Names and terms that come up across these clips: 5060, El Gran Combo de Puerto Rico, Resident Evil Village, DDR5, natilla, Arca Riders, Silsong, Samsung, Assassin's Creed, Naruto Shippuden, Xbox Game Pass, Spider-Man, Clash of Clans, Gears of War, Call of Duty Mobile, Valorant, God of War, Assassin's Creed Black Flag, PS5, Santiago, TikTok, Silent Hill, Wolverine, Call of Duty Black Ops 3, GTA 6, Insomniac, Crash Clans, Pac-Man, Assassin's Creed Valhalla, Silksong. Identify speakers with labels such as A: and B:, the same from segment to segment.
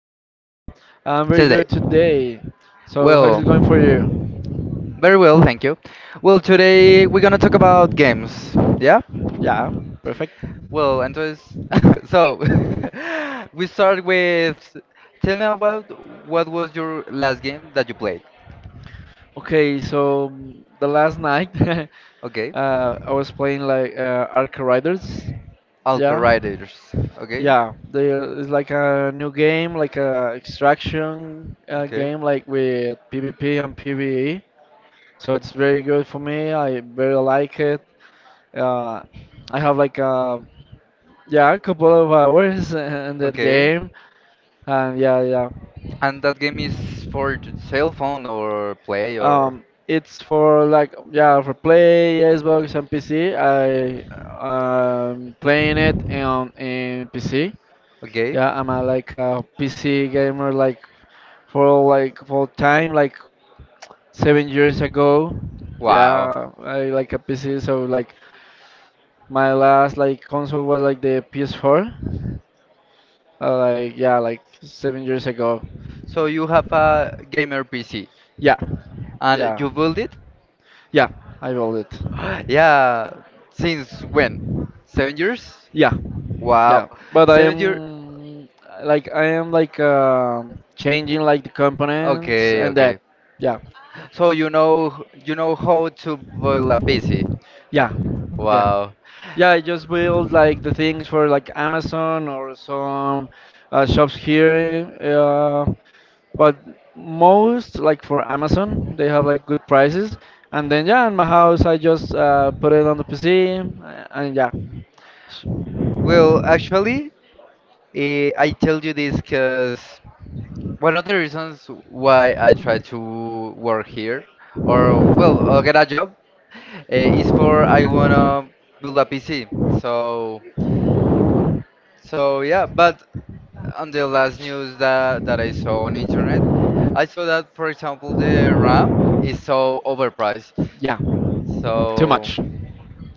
A: how are you
B: I'm very
A: today?
B: good today. So how's
A: Well,
B: it going for you?
A: very well, thank you. Well, today we're gonna talk about games, yeah?
B: Yeah, perfect.
A: Well, entonces, so we start with tell me about what was your last game that you played?
B: Okay, so the last night
A: Okay,
B: I was playing like Arca Riders.
A: Alco
B: Yeah,
A: Riders. Okay,
B: yeah. It's like a new game, like a extraction
A: okay,
B: game, like with PvP and PvE. So it's very good for me. I very like it. Uh, I have like a Yeah, a couple of hours in that
A: okay.
B: game, and yeah, yeah.
A: And that game is for cell phone or play or
B: It's for like yeah for play Xbox and PC. I playing it on in PC.
A: okay.
B: Yeah, I'm a like a PC gamer like for time like 7 years ago.
A: Wow.
B: Yeah, I like a PC. So like my last like console was like the PS4. Like yeah, like 7 years ago.
A: So you have a gamer PC.
B: Yeah,
A: And
B: yeah,
A: you built it?
B: yeah, I bought it.
A: Yeah, since when? 7 years?
B: Yeah,
A: Wow,
B: yeah. But
A: 7 years.
B: I am like changing like the components. Okay.
A: Okay,
B: And
A: okay.
B: that. Yeah,
A: So you know how to boil a PC.
B: yeah, yeah.
A: Wow.
B: Yeah, I just build like the things for like Amazon or some shops here. But most like for Amazon, they have like good prices. And then yeah, in my house, I just put it on the PC and yeah, S-
A: Well, actually, I tell you this because one of the reasons why I try to work here or well, get a job is for I wanna build a PC. So yeah, but on the last news that I saw on internet, I saw that for example the RAM is so overpriced.
B: yeah, too
A: So
B: much.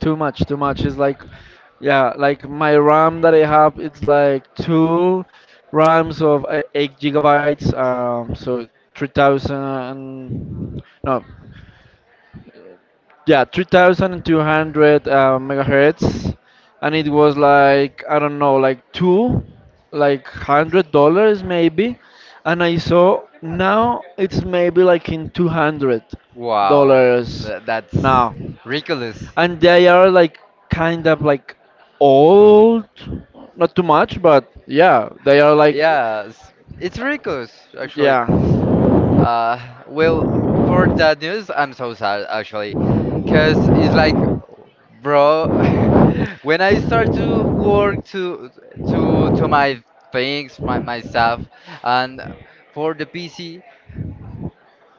B: Too much, too much. It's like, yeah, like my RAM that I have, it's like two RAMs of 8 gigabytes. So three thousand. No, yeah, 3200 megahertz, and it was like I don't know like two like $100 maybe, and I saw now it's maybe like in 200
A: wow,
B: dollars
A: that's
B: now,
A: ridiculous.
B: and they are like kind of like old, not too much, but yeah they are like
A: Yeah, it's ridiculous actually.
B: yeah.
A: Uh, well, for that news, I'm so sad actually, cause it's like, bro, when I start to work to my things, my stuff, and for the PC,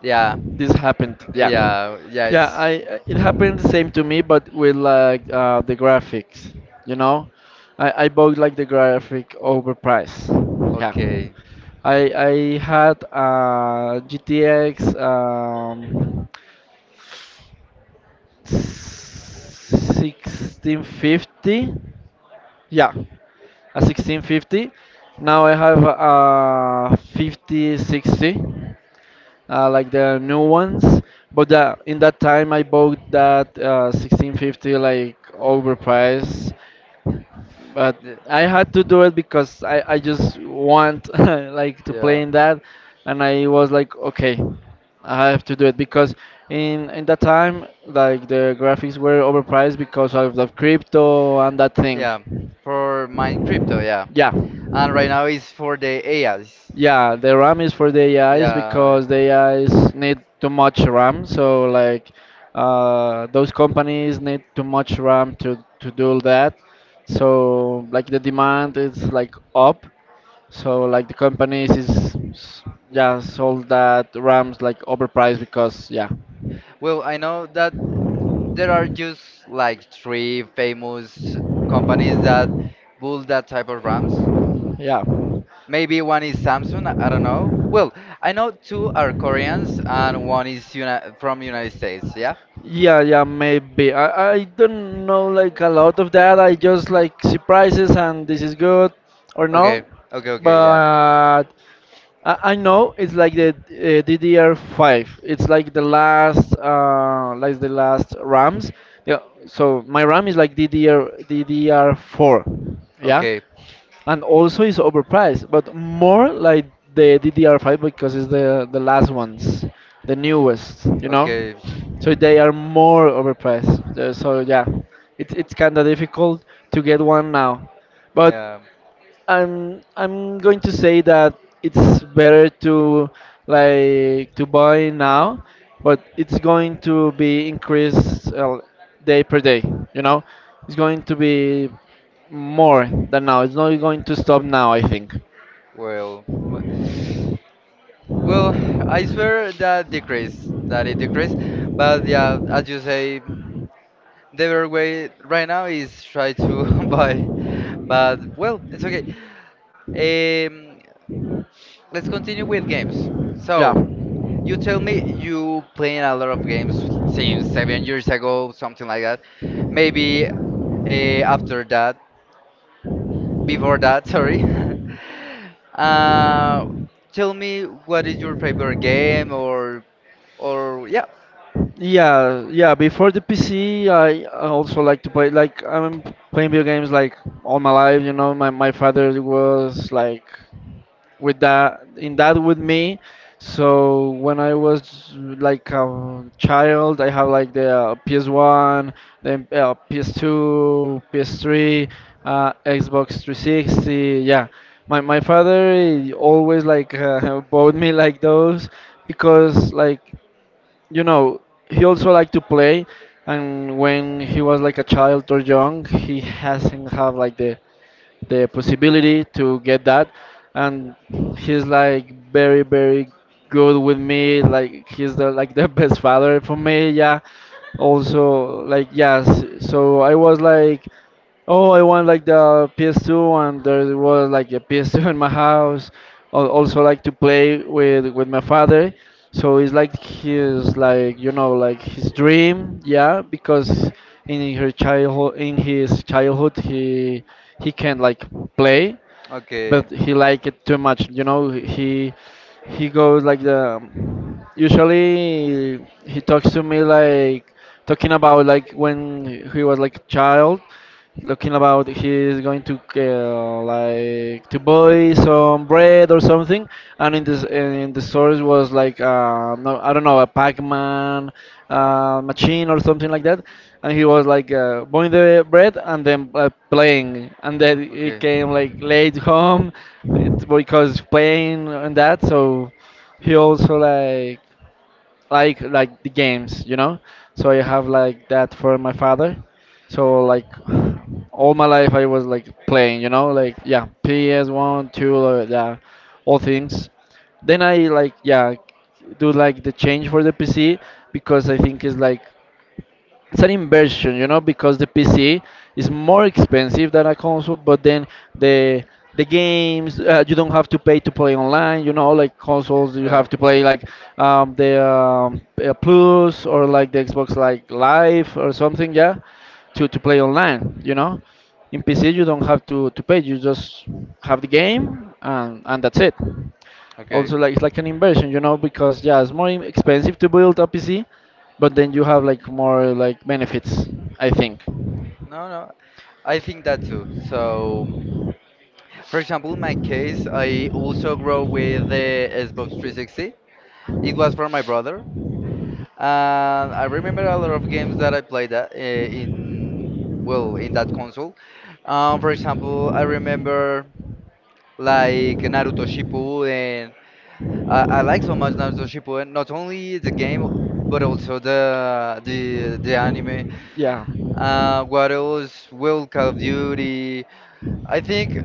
A: yeah,
B: This happened. Yeah.
A: yeah,
B: Yeah,
A: it's
B: I I- it happened the same to me, but with like the graphics, you know, I bought like the graphic overpriced. Yeah,
A: okay,
B: I had GTX 1650. Yeah, a 1650. Now I have a 5060 like the new ones. But yeah, in that time I bought that 1650 like overpriced, but I had to
A: Y-
B: do it because I just want like to play
A: yeah.
B: in that, and I was like okay, I have to do it because in that time like the graphics were overpriced because of the crypto and that thing.
A: Yeah, for my crypto, yeah.
B: Yeah,
A: And right now it's for the AIs.
B: yeah, the RAM is for the AIs
A: Yeah,
B: because the AIs need too much RAM. So like those companies need too much RAM to do that. So like the demand is like up. So like the companies is yeah sold that RAMs like overpriced because yeah
A: well, I know that there are just like three famous companies that build that type of RAMs.
B: yeah.
A: Maybe one is Samsung, I don't know. Well, I know two are Koreans and one is uni from United States, yeah?
B: Yeah, yeah, maybe. I don't know like a lot of that. I just like see prices and this is good or
A: Okay,
B: no.
A: okay, yeah.
B: But I know it's like the DDR5. It's like the last RAMs. Yeah. So my RAM is like DDR4. Yeah,
A: Okay,
B: and also it's overpriced, but more like the DDR5 because it's the last ones, the newest. You know,
A: okay.
B: so they are more overpriced. So yeah, it's kind of difficult to get one now, but
A: Yeah,
B: I'm going to say that it's better to like to buy now, but it's going to be increased day per day. You know, it's going to be more than now. It's not going to stop now, I think.
A: well, well, I swear that decrease, that it decreased. But yeah, as you say, the better way right now is try to buy. But well, it's okay. Um, let's continue with games.
B: Yeah.
A: So, you tell me you playing a lot of games since 7 years ago, something like that. Maybe after that Before that, sorry. uh, tell me what is your favorite game or yeah.
B: Yeah, yeah. Before the PC, I also like to play. Like I'm playing video games like all my life. You know, my father was like with that in that with me, so when I was like a child I have like the PS1, then PS2, PS3, xbox 360, yeah. My father, he always like bought me like those, because like you know he also liked to play, and when he was like a child or young he hasn't have like the possibility to get that. And he's like very very good with me, like he's the best father for me, yeah. Also, like yes. So I was like, oh, I want like the PS2, and there was like a PS2 in my house. Also, like to play with my father. So it's like his, like you know like his dream, yeah. Because in his childhood, he can like play,
A: Okay.
B: but he liked it too much. You know, he goes like the. Usually, he talks to me like talking about like when he was like a child, looking about he's going to like to buy some bread or something, and in the stores was like no, I don't know, a Pac-Man machine or something like that, and he was like buying the bread and then playing, and then he
A: Okay.
B: came like late home it, because playing and that. So he also like like the games, you know. So I have like that for my father. So like all my life I was like playing, you know, like yeah, PS one, two, yeah, all things. Then I like yeah do like the change for the PC, because I think it's like it's an inversion, you know, because the PC is more expensive than a console, but then the the games you don't have to pay to
A: Not
B: play online, you know, like consoles you have
A: Yeah.
B: to play like the Plus or like the Xbox like Live or something, yeah, to play online, you know. In PC you don't have to pay, you just have the game and that's it.
A: Okay.
B: Also like it's like an inversion, you know, because yeah it's more expensive to build a PC, but then you have like more like benefits, I think.
A: No, no. I think that too. So, for example, in my case, I also grow with the Xbox 360. It was for my brother, and I remember a lot of games that I played that, in well in that console. For example, I remember like Naruto Shippuden. I like so much Naruto Shippuden, not only the game but also the anime.
B: Yeah
A: What else? Well, Call of Duty. I think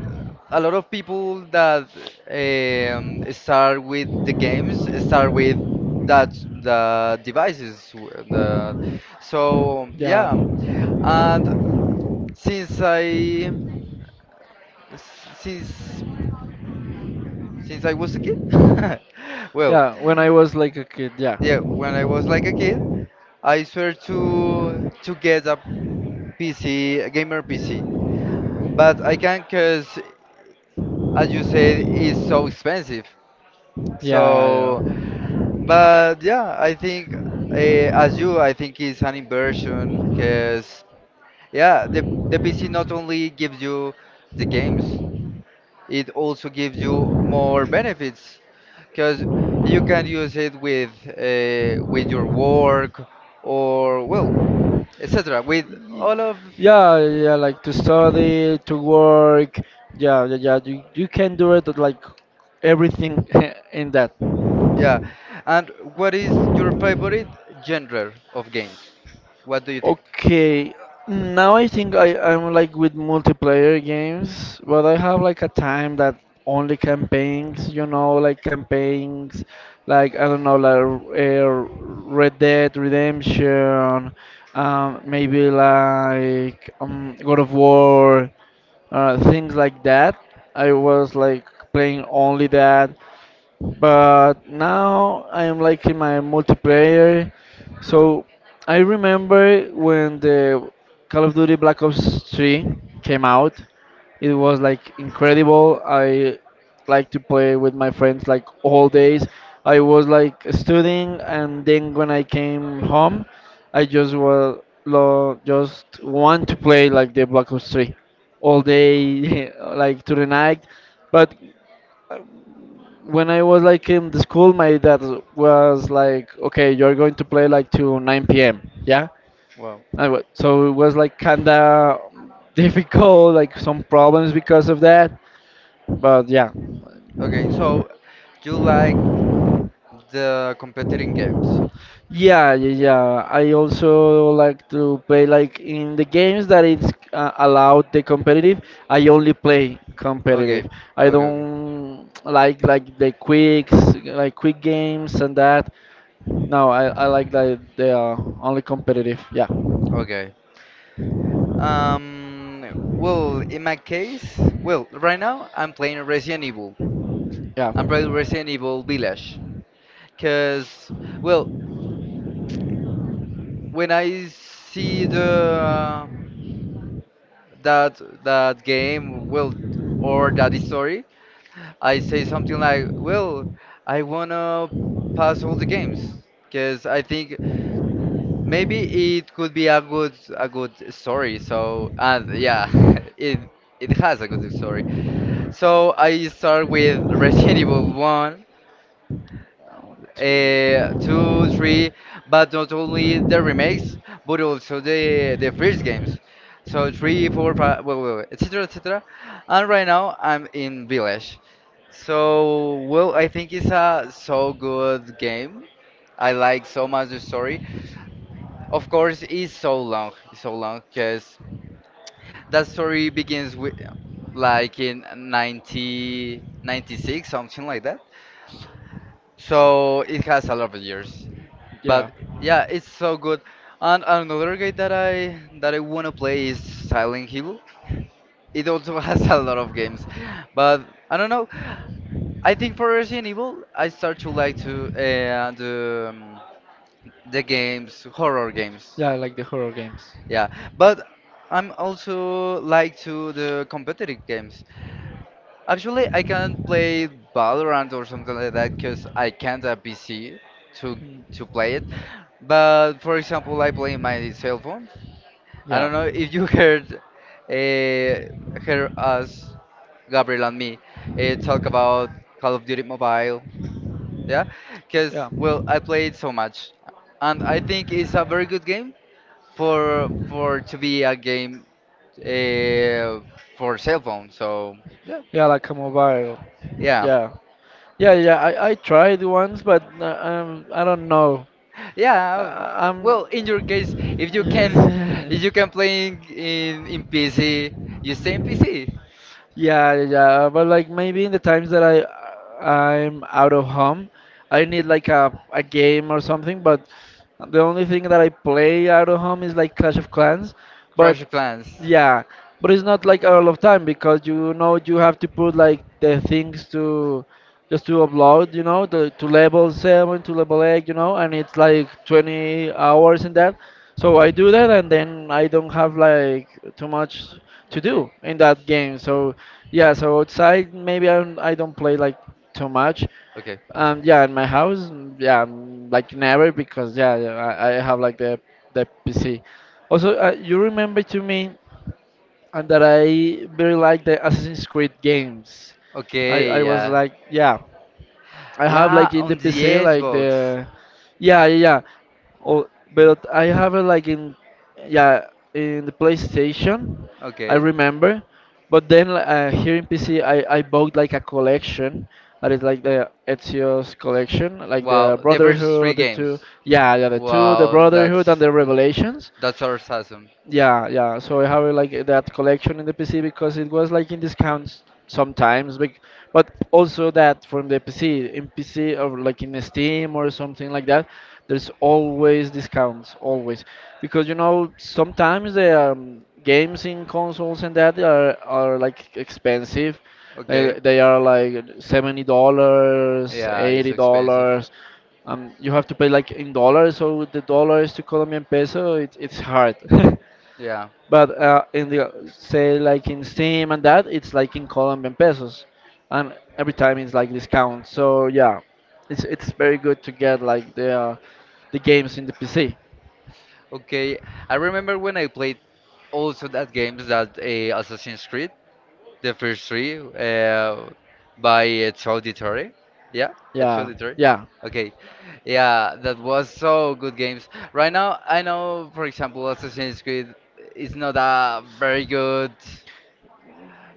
A: a lot of people that start with the games start with that the devices. The, so
B: yeah
A: yeah, and since I since since I was a kid, well,
B: yeah, when I was like a kid yeah
A: yeah, when I was like a kid, I swear to get a PC, a gamer PC. But I can't, cause as you said, is so expensive.
B: yeah yeah.
A: So, but yeah, I think as you, I think it's an inversion because yeah, the PC not only gives you the games, it also gives you more benefits because you can use it with your work or well, etc. With all of
B: Yeah, yeah, like to study, to work. Yeah, yeah, yeah. You can do it like everything in that.
A: yeah. And what is your favorite genre of games? What do you think?
B: Okay, now I think I'm like with multiplayer games, but I have like a time that only campaigns, you know, like campaigns, like I don't know, like Red Dead Redemption, maybe like God of War, things like that. I was like playing only that, but now I am like in my multiplayer. So I remember when the Call of Duty Black Ops 3 came out, it was like incredible. I like to play with my friends like all days. I was like studying, and then when I came home, I just well, just want to play like the Black Ops 3 all day, like to the night. But uh, when I was like in the school, my dad was like, "Okay, you're going to play like to 9 p.m. Yeah."
A: Wow.
B: So it was like kinda difficult, like some problems because of that. But yeah,
A: Okay, so you like the competing games.
B: yeah, yeah, yeah. I also like to play like in the games that it's allowed the competitive. I only play
A: Okay,
B: competitive. I
A: okay, okay,
B: don't like the quicks, like quick games and that. No, I like the only competitive. Yeah,
A: okay. Um, well, in my case, well, right now I'm playing Resident Evil.
B: yeah.
A: I'm playing Resident Evil Village. Cause, well, when I see the that that game, well, or that story, I say something like, well, I wanna pass all the games because I think maybe it could be a good story. So and yeah, it it has a good story. So I start with Resident Evil One, two, three, but not only the remakes, but also the first games. So three, four, five, well, well, etc. etc. And right now I'm in Village. So well, I think it's a so good game. I like so much the story. Of course, it's so long, because that story begins with like in 1996, something like that. So it has a lot of years,
B: Yeah,
A: but yeah, it's so good. And another game that I wanna play is Silent Hill. It also has a lot of games, but I don't know. I think for Resident Evil, I start to like to the games, horror games.
B: yeah, I like the horror games.
A: Yeah, but I'm also like to the competitive games. Actually, I can not play Valorant or something like that because I can't have PC to
B: Hmm.
A: to play it. But for example, I play my cell phone. I
B: Yeah.
A: don't know if you
B: Yeah.
A: heard uh, heard us, Gabriel and me, talk about Call of Duty Mobile. Yeah, because well, I played so much, and I think it's a very good game for to be a game uh, for cell phone. So yeah,
B: Yeah, like a mobile.
A: yeah,
B: Yeah. Yeah, yeah, I tried once, but I don't know.
A: yeah.
B: I, I'm.
A: Well, in your case, if you can, if you can play in PC, you stay in PC.
B: Yeah, yeah, yeah, but like maybe in the times that I'm out of home, I need like a game or something. But the only thing that I play out of home is like Clash of Clans.
A: Crash
B: But
A: Clans.
B: yeah, but it's not like a lot of time because you know you have to put like the things to just to upload, you know, the to level seven to level eight, you know, and it's like 20 hours in that. So I do that and then I don't have like too much to
A: Okay.
B: do in that game. So yeah, so outside maybe I don't play like too much.
A: Okay.
B: Yeah, in my house, yeah, like never because yeah, yeah, I have like the PC. Also, you remember to me and that I very like the Assassin's Creed games.
A: Okay.
B: I was
A: Yeah.
B: like, yeah, I have
A: Yeah.
B: like in the
A: On the
B: PC like
A: Xbox.
B: the, yeah yeah yeah, oh, but I have it like in, yeah, in the PlayStation, I
A: Okay.
B: remember, but then here in PC I bought like a collection that is like the Ezio's collection, like the
A: Wow, the first three
B: Brotherhood, the
A: games.
B: two, yeah yeah the two, the
A: Wow,
B: Brotherhood and the Revelations,
A: that's our season.
B: yeah, yeah. So I have like that collection in the PC because it was like in discounts sometimes, but also that from the PC in PC or like in Steam or something like that, there's always discounts, always. Because you know sometimes the games in consoles and that are like expensive.
A: Okay.
B: They are like $70,
A: Yeah, it's
B: eighty
A: expensive.
B: dollars. You have to pay like in dollars, so the dollars to Colombian peso, it's hard.
A: Yeah.
B: But in the say like in Steam and that, it's like in Colombian pesos, and every time it's like discount. So yeah, it's very good to get like the games in the PC.
A: Okay. I remember when I played also that games that Assassin's Creed. The first three by its auditory. Yeah, it's
B: Yeah,
A: auditory.
B: yeah,
A: Okay. Yeah, that was so good games. Right now, I know, for example, Assassin's Creed is not a very good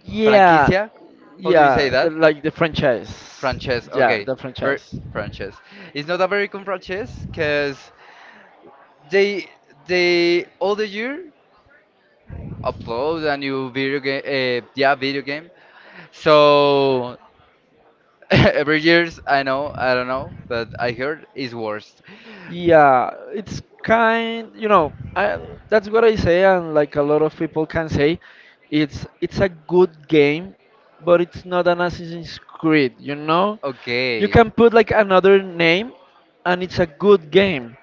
B: yeah,
A: franquicia. How do you say
B: yeah.
A: that?
B: Like the franchise.
A: Franchise.
B: Yeah,
A: Okay.
B: the
A: Ver
B: franchise.
A: franchise. It's not a very good franchise because they they all the year upload a new video game. Yeah, video game. So every years, I know, I don't know, but I heard is worst.
B: Yeah, it's kind, you know, that's what I say, and like a lot of people can say, it's a good game, but it's not an Assassin's Creed, you know? You
A: Okay.
B: can put like another name, and it's a good game,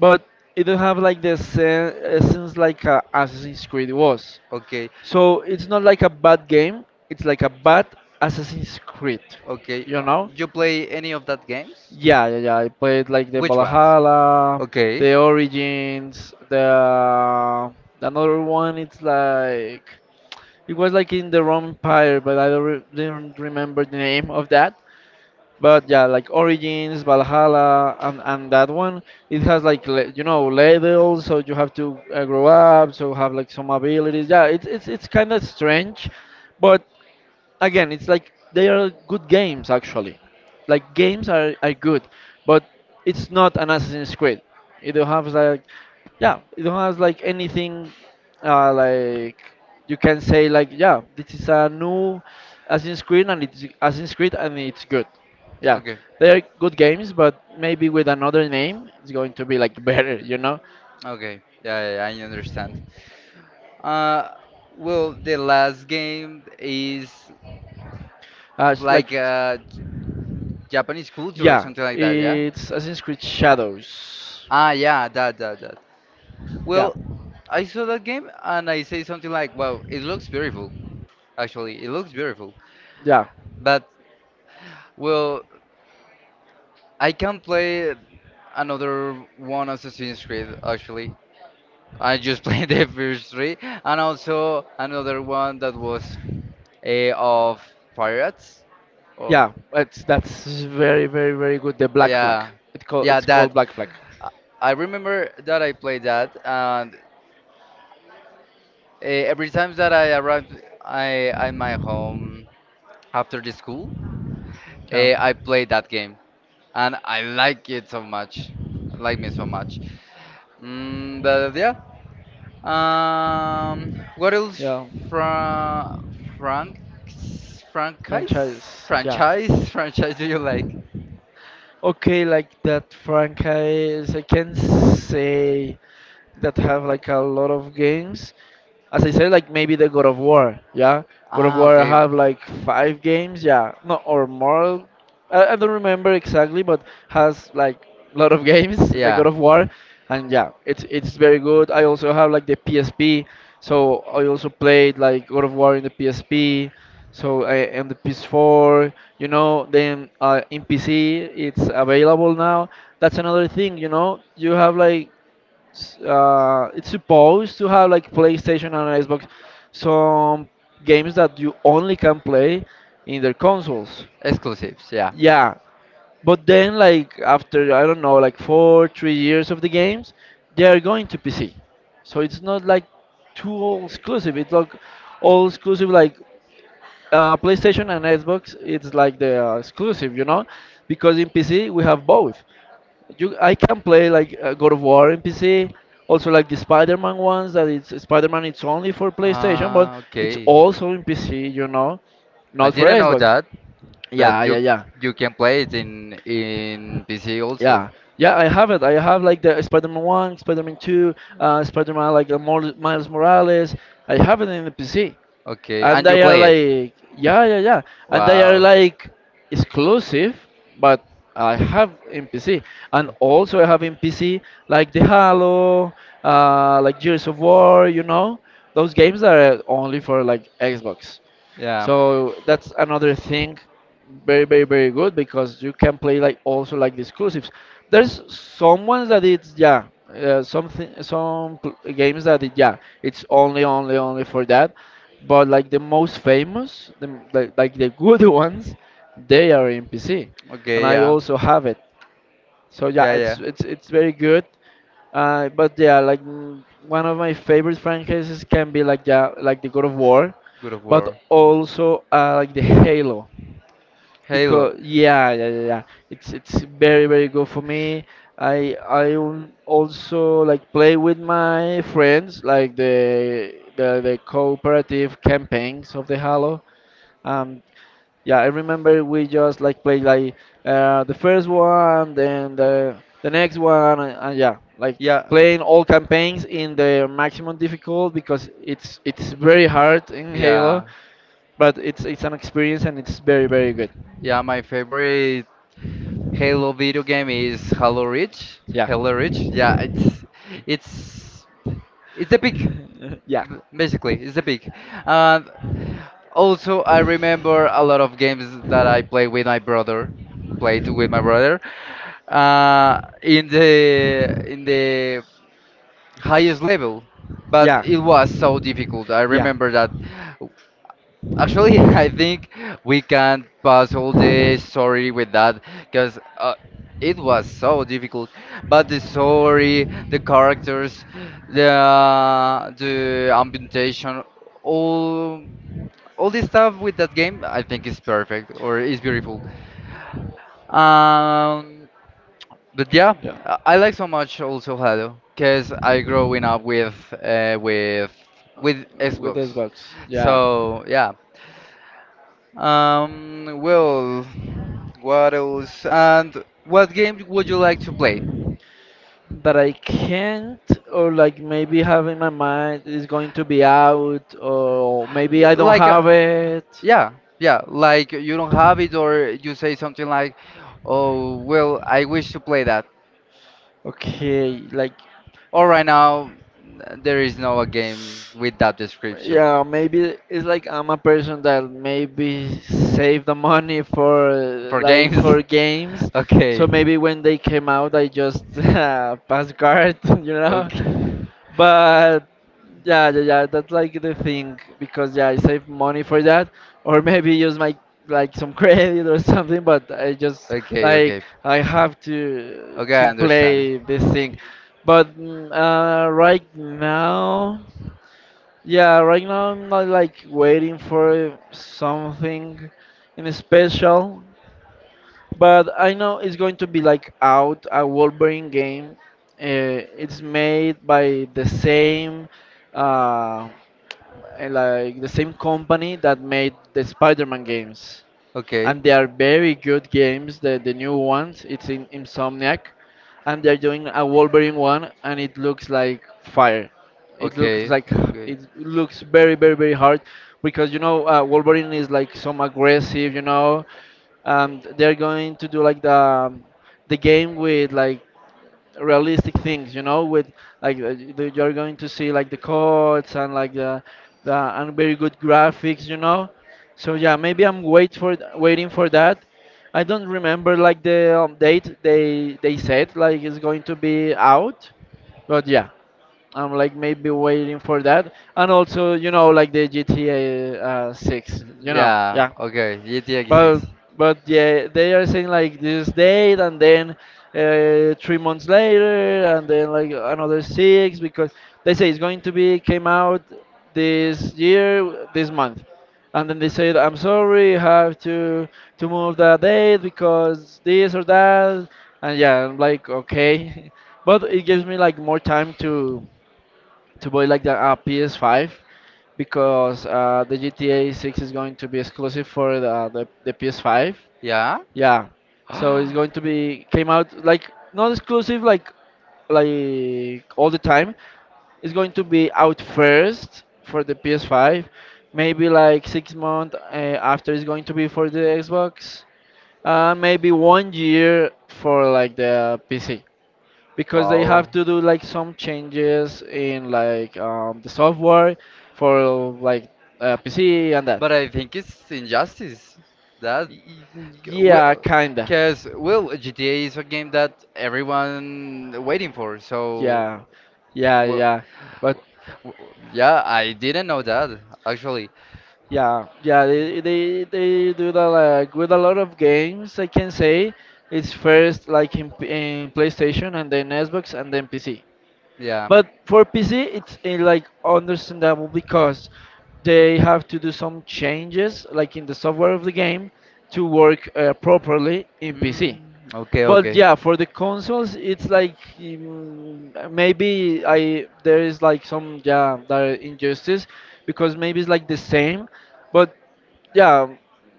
B: but it don't have like the essence like a Assassin's Creed was.
A: Okay.
B: So it's not like a bad game, it's like a bad Assassin's Creed,
A: Okay.
B: you know?
A: You play any of that games?
B: Yeah, yeah, yeah. I played like the
A: Which ones?
B: Valhalla,
A: Okay.
B: the Origins, the another one. It's like it was like in the Roman Empire, but I don't re didn't remember the name of that. But yeah, like Origins, Valhalla, and that one. It has like you know levels, so you have to grow up, so have like some abilities. Yeah, it's kind of strange, but again, it's like they are good games actually. Like games are good, but it's not an Assassin's Creed. It don't have like yeah, it don't have like anything like you can say like yeah, this is a new Assassin's Creed and it's Assassin's Creed and it's good. Yeah.
A: Okay,
B: They are good games, but maybe with another name, it's going to be like better, you know.
A: Okay, I understand. Uh, well, the last game is
B: It's like
A: like Japanese culture or
B: yeah,
A: something like that, yeah?
B: it's Assassin's Creed Shadows.
A: Ah, yeah, that, that, that.
B: Yeah.
A: Well, I saw that game and I say something like, "Wow, it looks beautiful." Actually, it looks beautiful.
B: Yeah,
A: But well, I can play another one Assassin's Creed. Actually, I just played the first three, and also another one that was a of pirates. Or
B: yeah, it's that's very, very, very good. The Black Flag.
A: yeah, yeah,
B: It's called
A: that.
B: Black Flag.
A: I I remember that I played that, and every time that I arrived I at my home after the school,
B: Yeah.
A: I played that game, and I like it so much, like me so much. Mm, but yeah, what else
B: Yeah.
A: from Frank franchise
B: Franchise. Yeah.
A: franchise franchise do you like?
B: Okay, like that, Frank. I can say that have like a lot of games. As I said, like maybe the God of War, yeah. God of
A: Ah,
B: War
A: okay.
B: have like 5 games, yeah, no or more. I don't remember exactly, but has like a lot of games, like
A: Yeah.
B: God of War, and yeah, it's very good. I also have like the PSP, so I also played like God of War in the PSP. So I and the PS4, you know, then in PC it's available now. That's another thing, you know. You have like it's supposed to have like PlayStation and Xbox some games that you only can play in their consoles.
A: Exclusives, yeah.
B: Yeah, but then like after I don't know like 4, 3 years of the games, they are going to PC. So it's not like too all exclusive. It's like all exclusive like PlayStation and Xbox. It's like the exclusive, you know, because in PC we have both. I can play like God of War in PC, also like the Spider-Man ones. That it's Spider-Man. It's only for PlayStation, but
A: Ah,
B: it's
A: okay.
B: also in PC. You know,
A: I
B: not for
A: didn't know
B: Xbox.
A: that
B: Okay. Yeah,
A: that you
B: yeah, yeah,
A: you can play it in PC also.
B: yeah, yeah. I have it. I have like the Spider-Man one, Spider-Man two, Spider-Man like Miles Morales. I have it in the PC.
A: Okay,
B: And
A: and you
B: they are
A: play it.
B: like yeah, yeah, yeah, and they are
A: Wow.
B: like exclusive, but I have in PC, and also I have in PC like the Halo, like Gears of War, you know, those games that are only for like Xbox.
A: Yeah.
B: So that's another thing, very, very, very good because you can play like also like the exclusives. There's some ones that it's yeah, something some games that yeah, it's only, only, only for that. But like the most famous, like the good ones, they are in PC, and
A: Okay.
B: I
A: Yeah.
B: also have it. So yeah,
A: Yeah. Yeah.
B: it's very good. But yeah, like mm, one of my favorite franchises can be like yeah, like the God of War,
A: Good of
B: but
A: War.
B: also like the Halo,
A: Halo.
B: because yeah, yeah, yeah, yeah, it's very very good for me. Also like play with my friends like the cooperative campaigns of the Halo. Um, yeah, I remember we just like played like the first one, then the next one, and yeah, like
A: Yeah.
B: playing all campaigns in the maximum difficult because it's very hard in Halo,
A: Yeah,
B: but it's an experience and it's very very good.
A: yeah. My favorite Halo video game is Halo Reach.
B: Yeah.
A: Halo Reach. Yeah, it's it's the big,
B: Yeah.
A: basically. It's the big. And also, I remember a lot of games that I play with my brother. Played with my brother. In the highest level, but it was so difficult. I remember that actually, I think we can pass all the story with that because it was so difficult. But the story, the characters, the ambientation, all all this stuff with that game, I think is perfect or is beautiful. Um, but yeah, I like so much also Halo because I growing up with uh, with with
B: With
A: Xbox.
B: Xbox. Yeah.
A: So yeah, um, well, what else? And what game would you like to play?
B: That I can't or like maybe have in my mind is going to be out or maybe I don't
A: Like,
B: have it.
A: yeah, yeah, like you don't have it, or you say something like, "Oh, well, I wish to play that."
B: Okay, like.
A: Or right now, there is no a game with that description
B: Yeah, maybe it's like I'm a person that maybe save the money for
A: for
B: like
A: games.
B: for games. So
A: Okay.
B: okay, maybe when they came out, I just pass card, you know.
A: Okay.
B: But yeah, yeah, yeah, that's like the thing because yeah, I save money for that, or maybe use my like some credit or something. But I just like I have to
A: Okay, I
B: to
A: pay understand.
B: play this thing. But right now. Yeah, right now I'm not like waiting for something in special, but I know it's going to be like out a Wolverine game. It's made by the same, uh, like the same company that made the Spider-Man games,
A: Okay,
B: and they are very good games. The new ones, it's in Insomniac, and they're doing a Wolverine one, and it looks like fire. It looks
A: okay,
B: like
A: okay.
B: it looks very, very, very hard because you know Wolverine is like some aggressive, you know, they're going to do like the game with like realistic things, you know, with like you're going to see like the codes and like the and very good graphics, you know. So yeah, maybe I'm waiting for that. I don't remember like the date they said like it's going to be out, but yeah, I'm like maybe waiting for that. And also, you know, like the GTA 6, you know,
A: yeah,
B: yeah.
A: Yeah, okay. GTA
B: but
A: 6.
B: but yeah, they are saying like this date and then 3 months later and then like another six because they say it's going to be came out this year, this month, and then they said I'm sorry, you have to move that date because this or that, and yeah, I'm like okay, but it gives me like more time to buy like the PS5 because the GTA 6 is going to be exclusive for the PS5.
A: Yeah.
B: Yeah, so it's going to be came out like not exclusive like all the time. It's going to be out first for the PS5, maybe like 6 months after it's going to be for the Xbox, and maybe 1 year for like the PC because they have
A: Wow.
B: to do like some changes in like the software for like PC and that.
A: But I think it's injustice. That
B: Y- Yeah,
A: Well,
B: kinda.
A: because, well, GTA is a game that everyone waiting for, so,
B: Yeah, yeah,
A: well,
B: yeah. But
A: w- yeah, I didn't know that, actually.
B: yeah, yeah, they do that like with a lot of games. I can say it's first like in PlayStation and then Xbox and then PC.
A: Yeah.
B: But for PC, it's eh, like understandable because they have to do some changes, like in the software of the game, to work properly in PC.
A: Mm, okay,
B: But
A: okay.
B: yeah, for the consoles, it's like mm, maybe I there is like some yeah that injustice because maybe it's like the same, but yeah,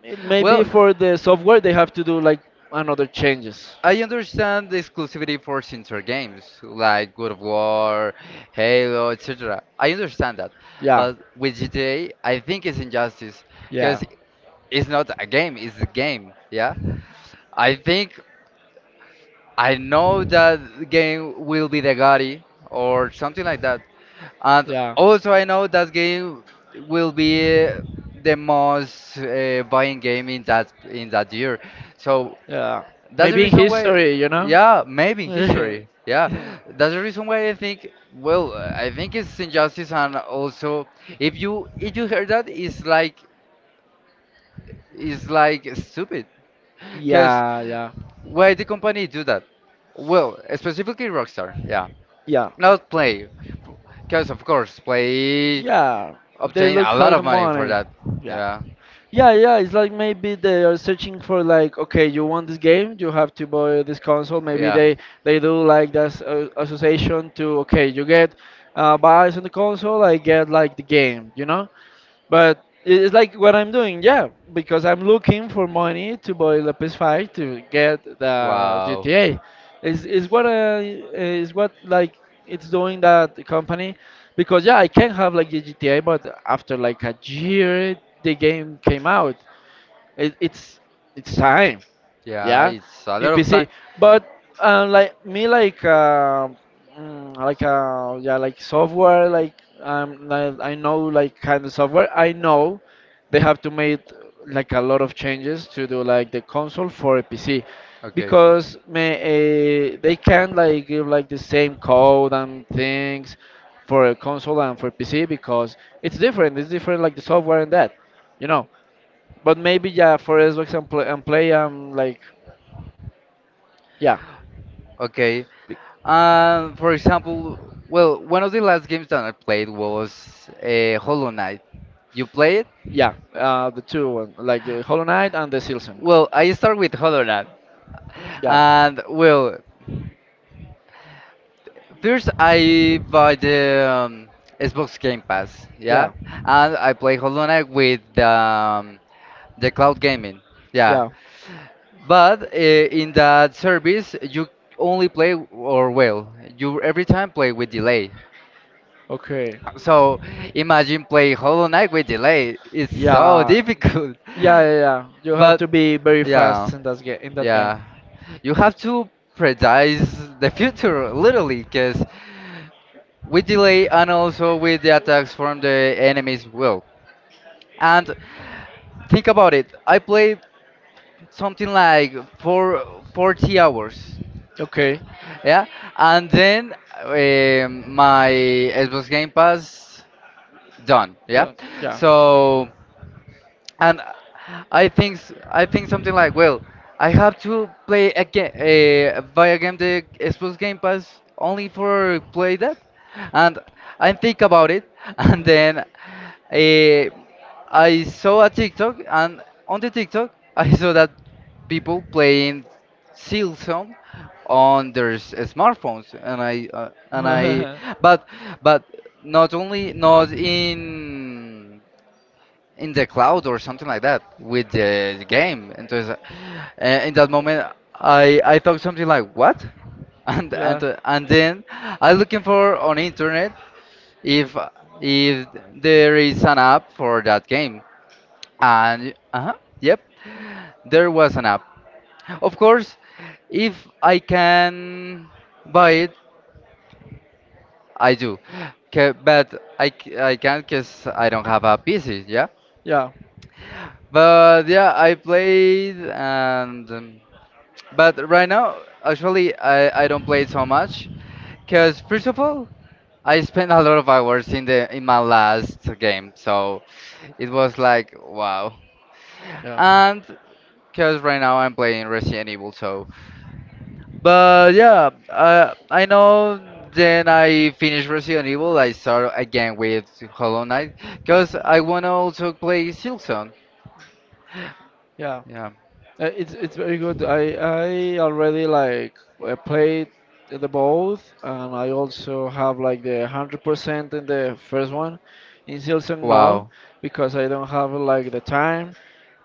B: it, maybe
A: Well,
B: for the software they have to do like another changes.
A: I understand the exclusivity for sincer games like God of War, Halo, etc. I understand that,
B: Yeah,
A: but with GTA, I think it's injustice
B: yeah,
A: because it's not a game; it's a game. Yeah, I think I know that the game will be the Gotti or something like that, and
B: yeah,
A: also I know that game will be the most buying game in that year. So
B: yeah.
A: that's the
B: Maybe in
A: reason why,
B: history, you know?
A: yeah, maybe in history,
B: Yeah,
A: yeah.
B: yeah,
A: That's the reason why I think, well, I think it's injustice and also if you heard that, it's like stupid, because
B: yeah,
A: why the company do that? Well, specifically Rockstar, yeah,
B: yeah,
A: not Play, because of course Play
B: yeah, they
A: obtain
B: look
A: a lot
B: for
A: of
B: the
A: money for
B: money.
A: that,
B: Yeah.
A: yeah,
B: Yeah, yeah, it's like maybe they are searching for like, okay, you want this game, you have to buy this console. Maybe
A: yeah.
B: they do like this association to, okay, you get buys on the console, I get like the game, you know? But it's like what I'm doing, yeah, because I'm looking for money to buy the PS5 to get the
A: Wow.
B: GTA. Is what I is what like it's doing that the company, because yeah, I can have like the GTA, but after like a year the game came out. It's it's time
A: Yeah,
B: yeah
A: it's a
B: in
A: lot of time.
B: PC but like me like like yeah like software like, I know like kind of software I know they have to make like a lot of changes to do like the console for a PC
A: Okay.
B: because they can't like give like the same code and things for a console and for PC because it's different like the software and that, you know. But maybe yeah for as example and play like yeah,
A: Okay,
B: be-
A: For example, well, one of the last games that I played was Hollow Knight. You play it?
B: yeah, the 2, 1, like Hollow Knight and the Silsong.
A: Well, I start with Hollow Knight,
B: Yeah,
A: and well, first I buy the um, Xbox Game Pass,
B: yeah,
A: yeah, and I play Hollow Knight with the cloud gaming, yeah.
B: yeah.
A: But in that service, you only play or well, you every time play with delay.
B: Okay.
A: So imagine playing Hollow Knight with delay. It's so
B: Yeah,
A: difficult.
B: yeah, yeah, yeah. You have
A: But
B: to be very
A: yeah,
B: fast in that game. In that game.
A: yeah. You have to predice the future literally because with delay and also with the attacks from the enemies will. And think about it. I played something like four, 40 hours.
B: Okay.
A: Yeah, and then my Xbox Game Pass done. Yeah,
B: Done. Yeah.
A: so and I think I think something like, well, I have to play a game, buy game, the Xbox Game Pass only for play that, and I think about it, and then I saw a TikTok, and on the TikTok I saw that people playing Silksong on their smartphones,
B: Mm.
A: but but not only not in in the cloud or something like that with the game. Entonces, in that moment, I thought something like what,
B: Yeah,
A: and then I looking for on internet if if there is an app for that game, and yep, there was an app. Of course, if I can buy it, I do. 'Kay, but I can't because I don't have a PC, yeah?
B: yeah,
A: But yeah, I played and but right now actually I don't play it so much because first of all I spent a lot of hours in the in my last game so it was like wow and because right now I'm playing Resident Evil so but yeah I know then I finished Resident Evil I start again with Hollow Knight because I wanna also play Silksong
B: yeah.
A: yeah
B: It's very good. I already like played the both, and I also have like the 100% in the first one. In Silsong, no,
A: wow.
B: because I don't have like the time.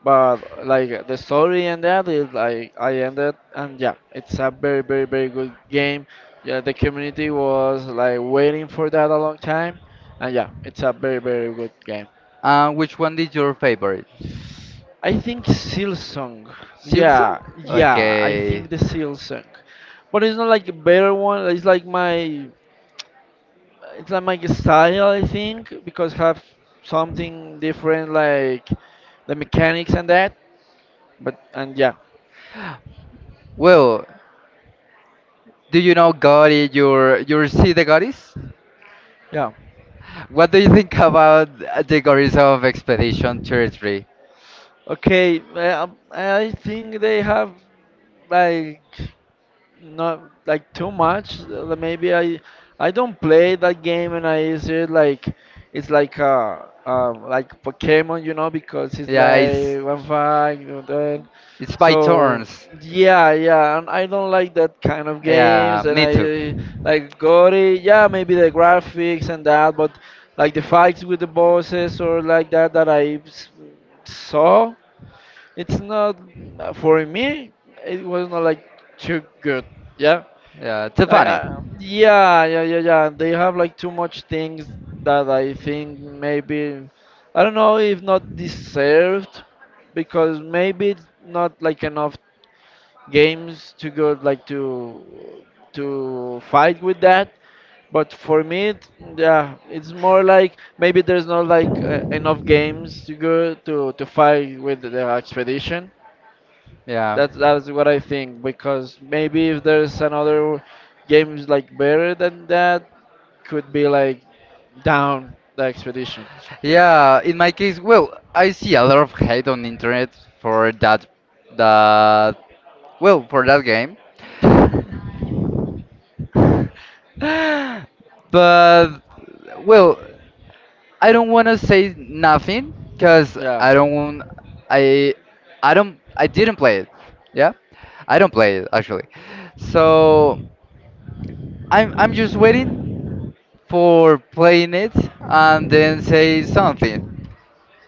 B: But like the story and that is like I ended, and yeah, it's a very, very, very good game. Yeah, the community was like waiting for that a long time, and yeah, it's a very, very good game.
A: Which one is your favorite?
B: I think Silsong.
A: Silsa?
B: Yeah, yeah, I
A: Okay.
B: think the Silsong. But it's not like a better one. It's like my style, I think, because have something different like the mechanics and that. But and yeah.
A: Well, do you know Gauri, your sea the goddess?
B: Yeah.
A: What do you think about the goddess of Expedition 33?
B: Okay, I think they have like not like too much. Like, maybe I don't play that game and I see it like it's like Pokemon, you know, because it's
A: Yeah,
B: like one fight, you know, then.
A: it's by
B: So
A: turns.
B: yeah, yeah, and I don't like that kind of
A: Yeah,
B: games and
A: me
B: I
A: too.
B: like gory, yeah, maybe the graphics and that, but like the fights with the bosses or like that that I saw, it's not for me. It was not like too good. Yeah,
A: Yeah, too funny.
B: yeah, yeah, yeah, yeah. They have like too much things that I think maybe I don't know if not deserved because maybe it's not like enough games to go like to fight with that. But for me, it, yeah, it's more like maybe there's not like enough games to go to fight with the expedition.
A: Yeah.
B: That's what I think because maybe if there's another games like better than that, could be like down the expedition.
A: Yeah, in my case, well, I see a lot of hate on internet for that that well, for that game. But well, I don't want to say nothing cuz I
B: Yeah.
A: don't want I I don't I didn't play it. Yeah? I don't play it actually. So, I'm just waiting for playing it and then say something.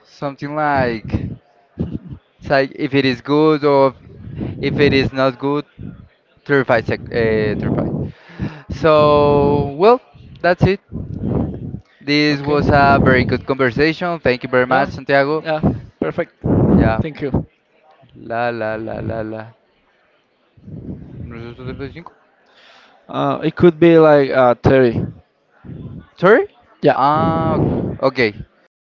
A: Something like it's like if it is good or if it is not good, 35 sec, 35. So, well, that's it. This
B: Okay.
A: was a very good conversation. Thank you very much,
B: Yeah,
A: Santiago.
B: yeah, perfect.
A: Yeah.
B: Thank you.
A: La la la la la. ¿Nosotros 35?
B: It could be like 30.
A: Sorry?
B: Yeah,
A: Ah, okay.
B: it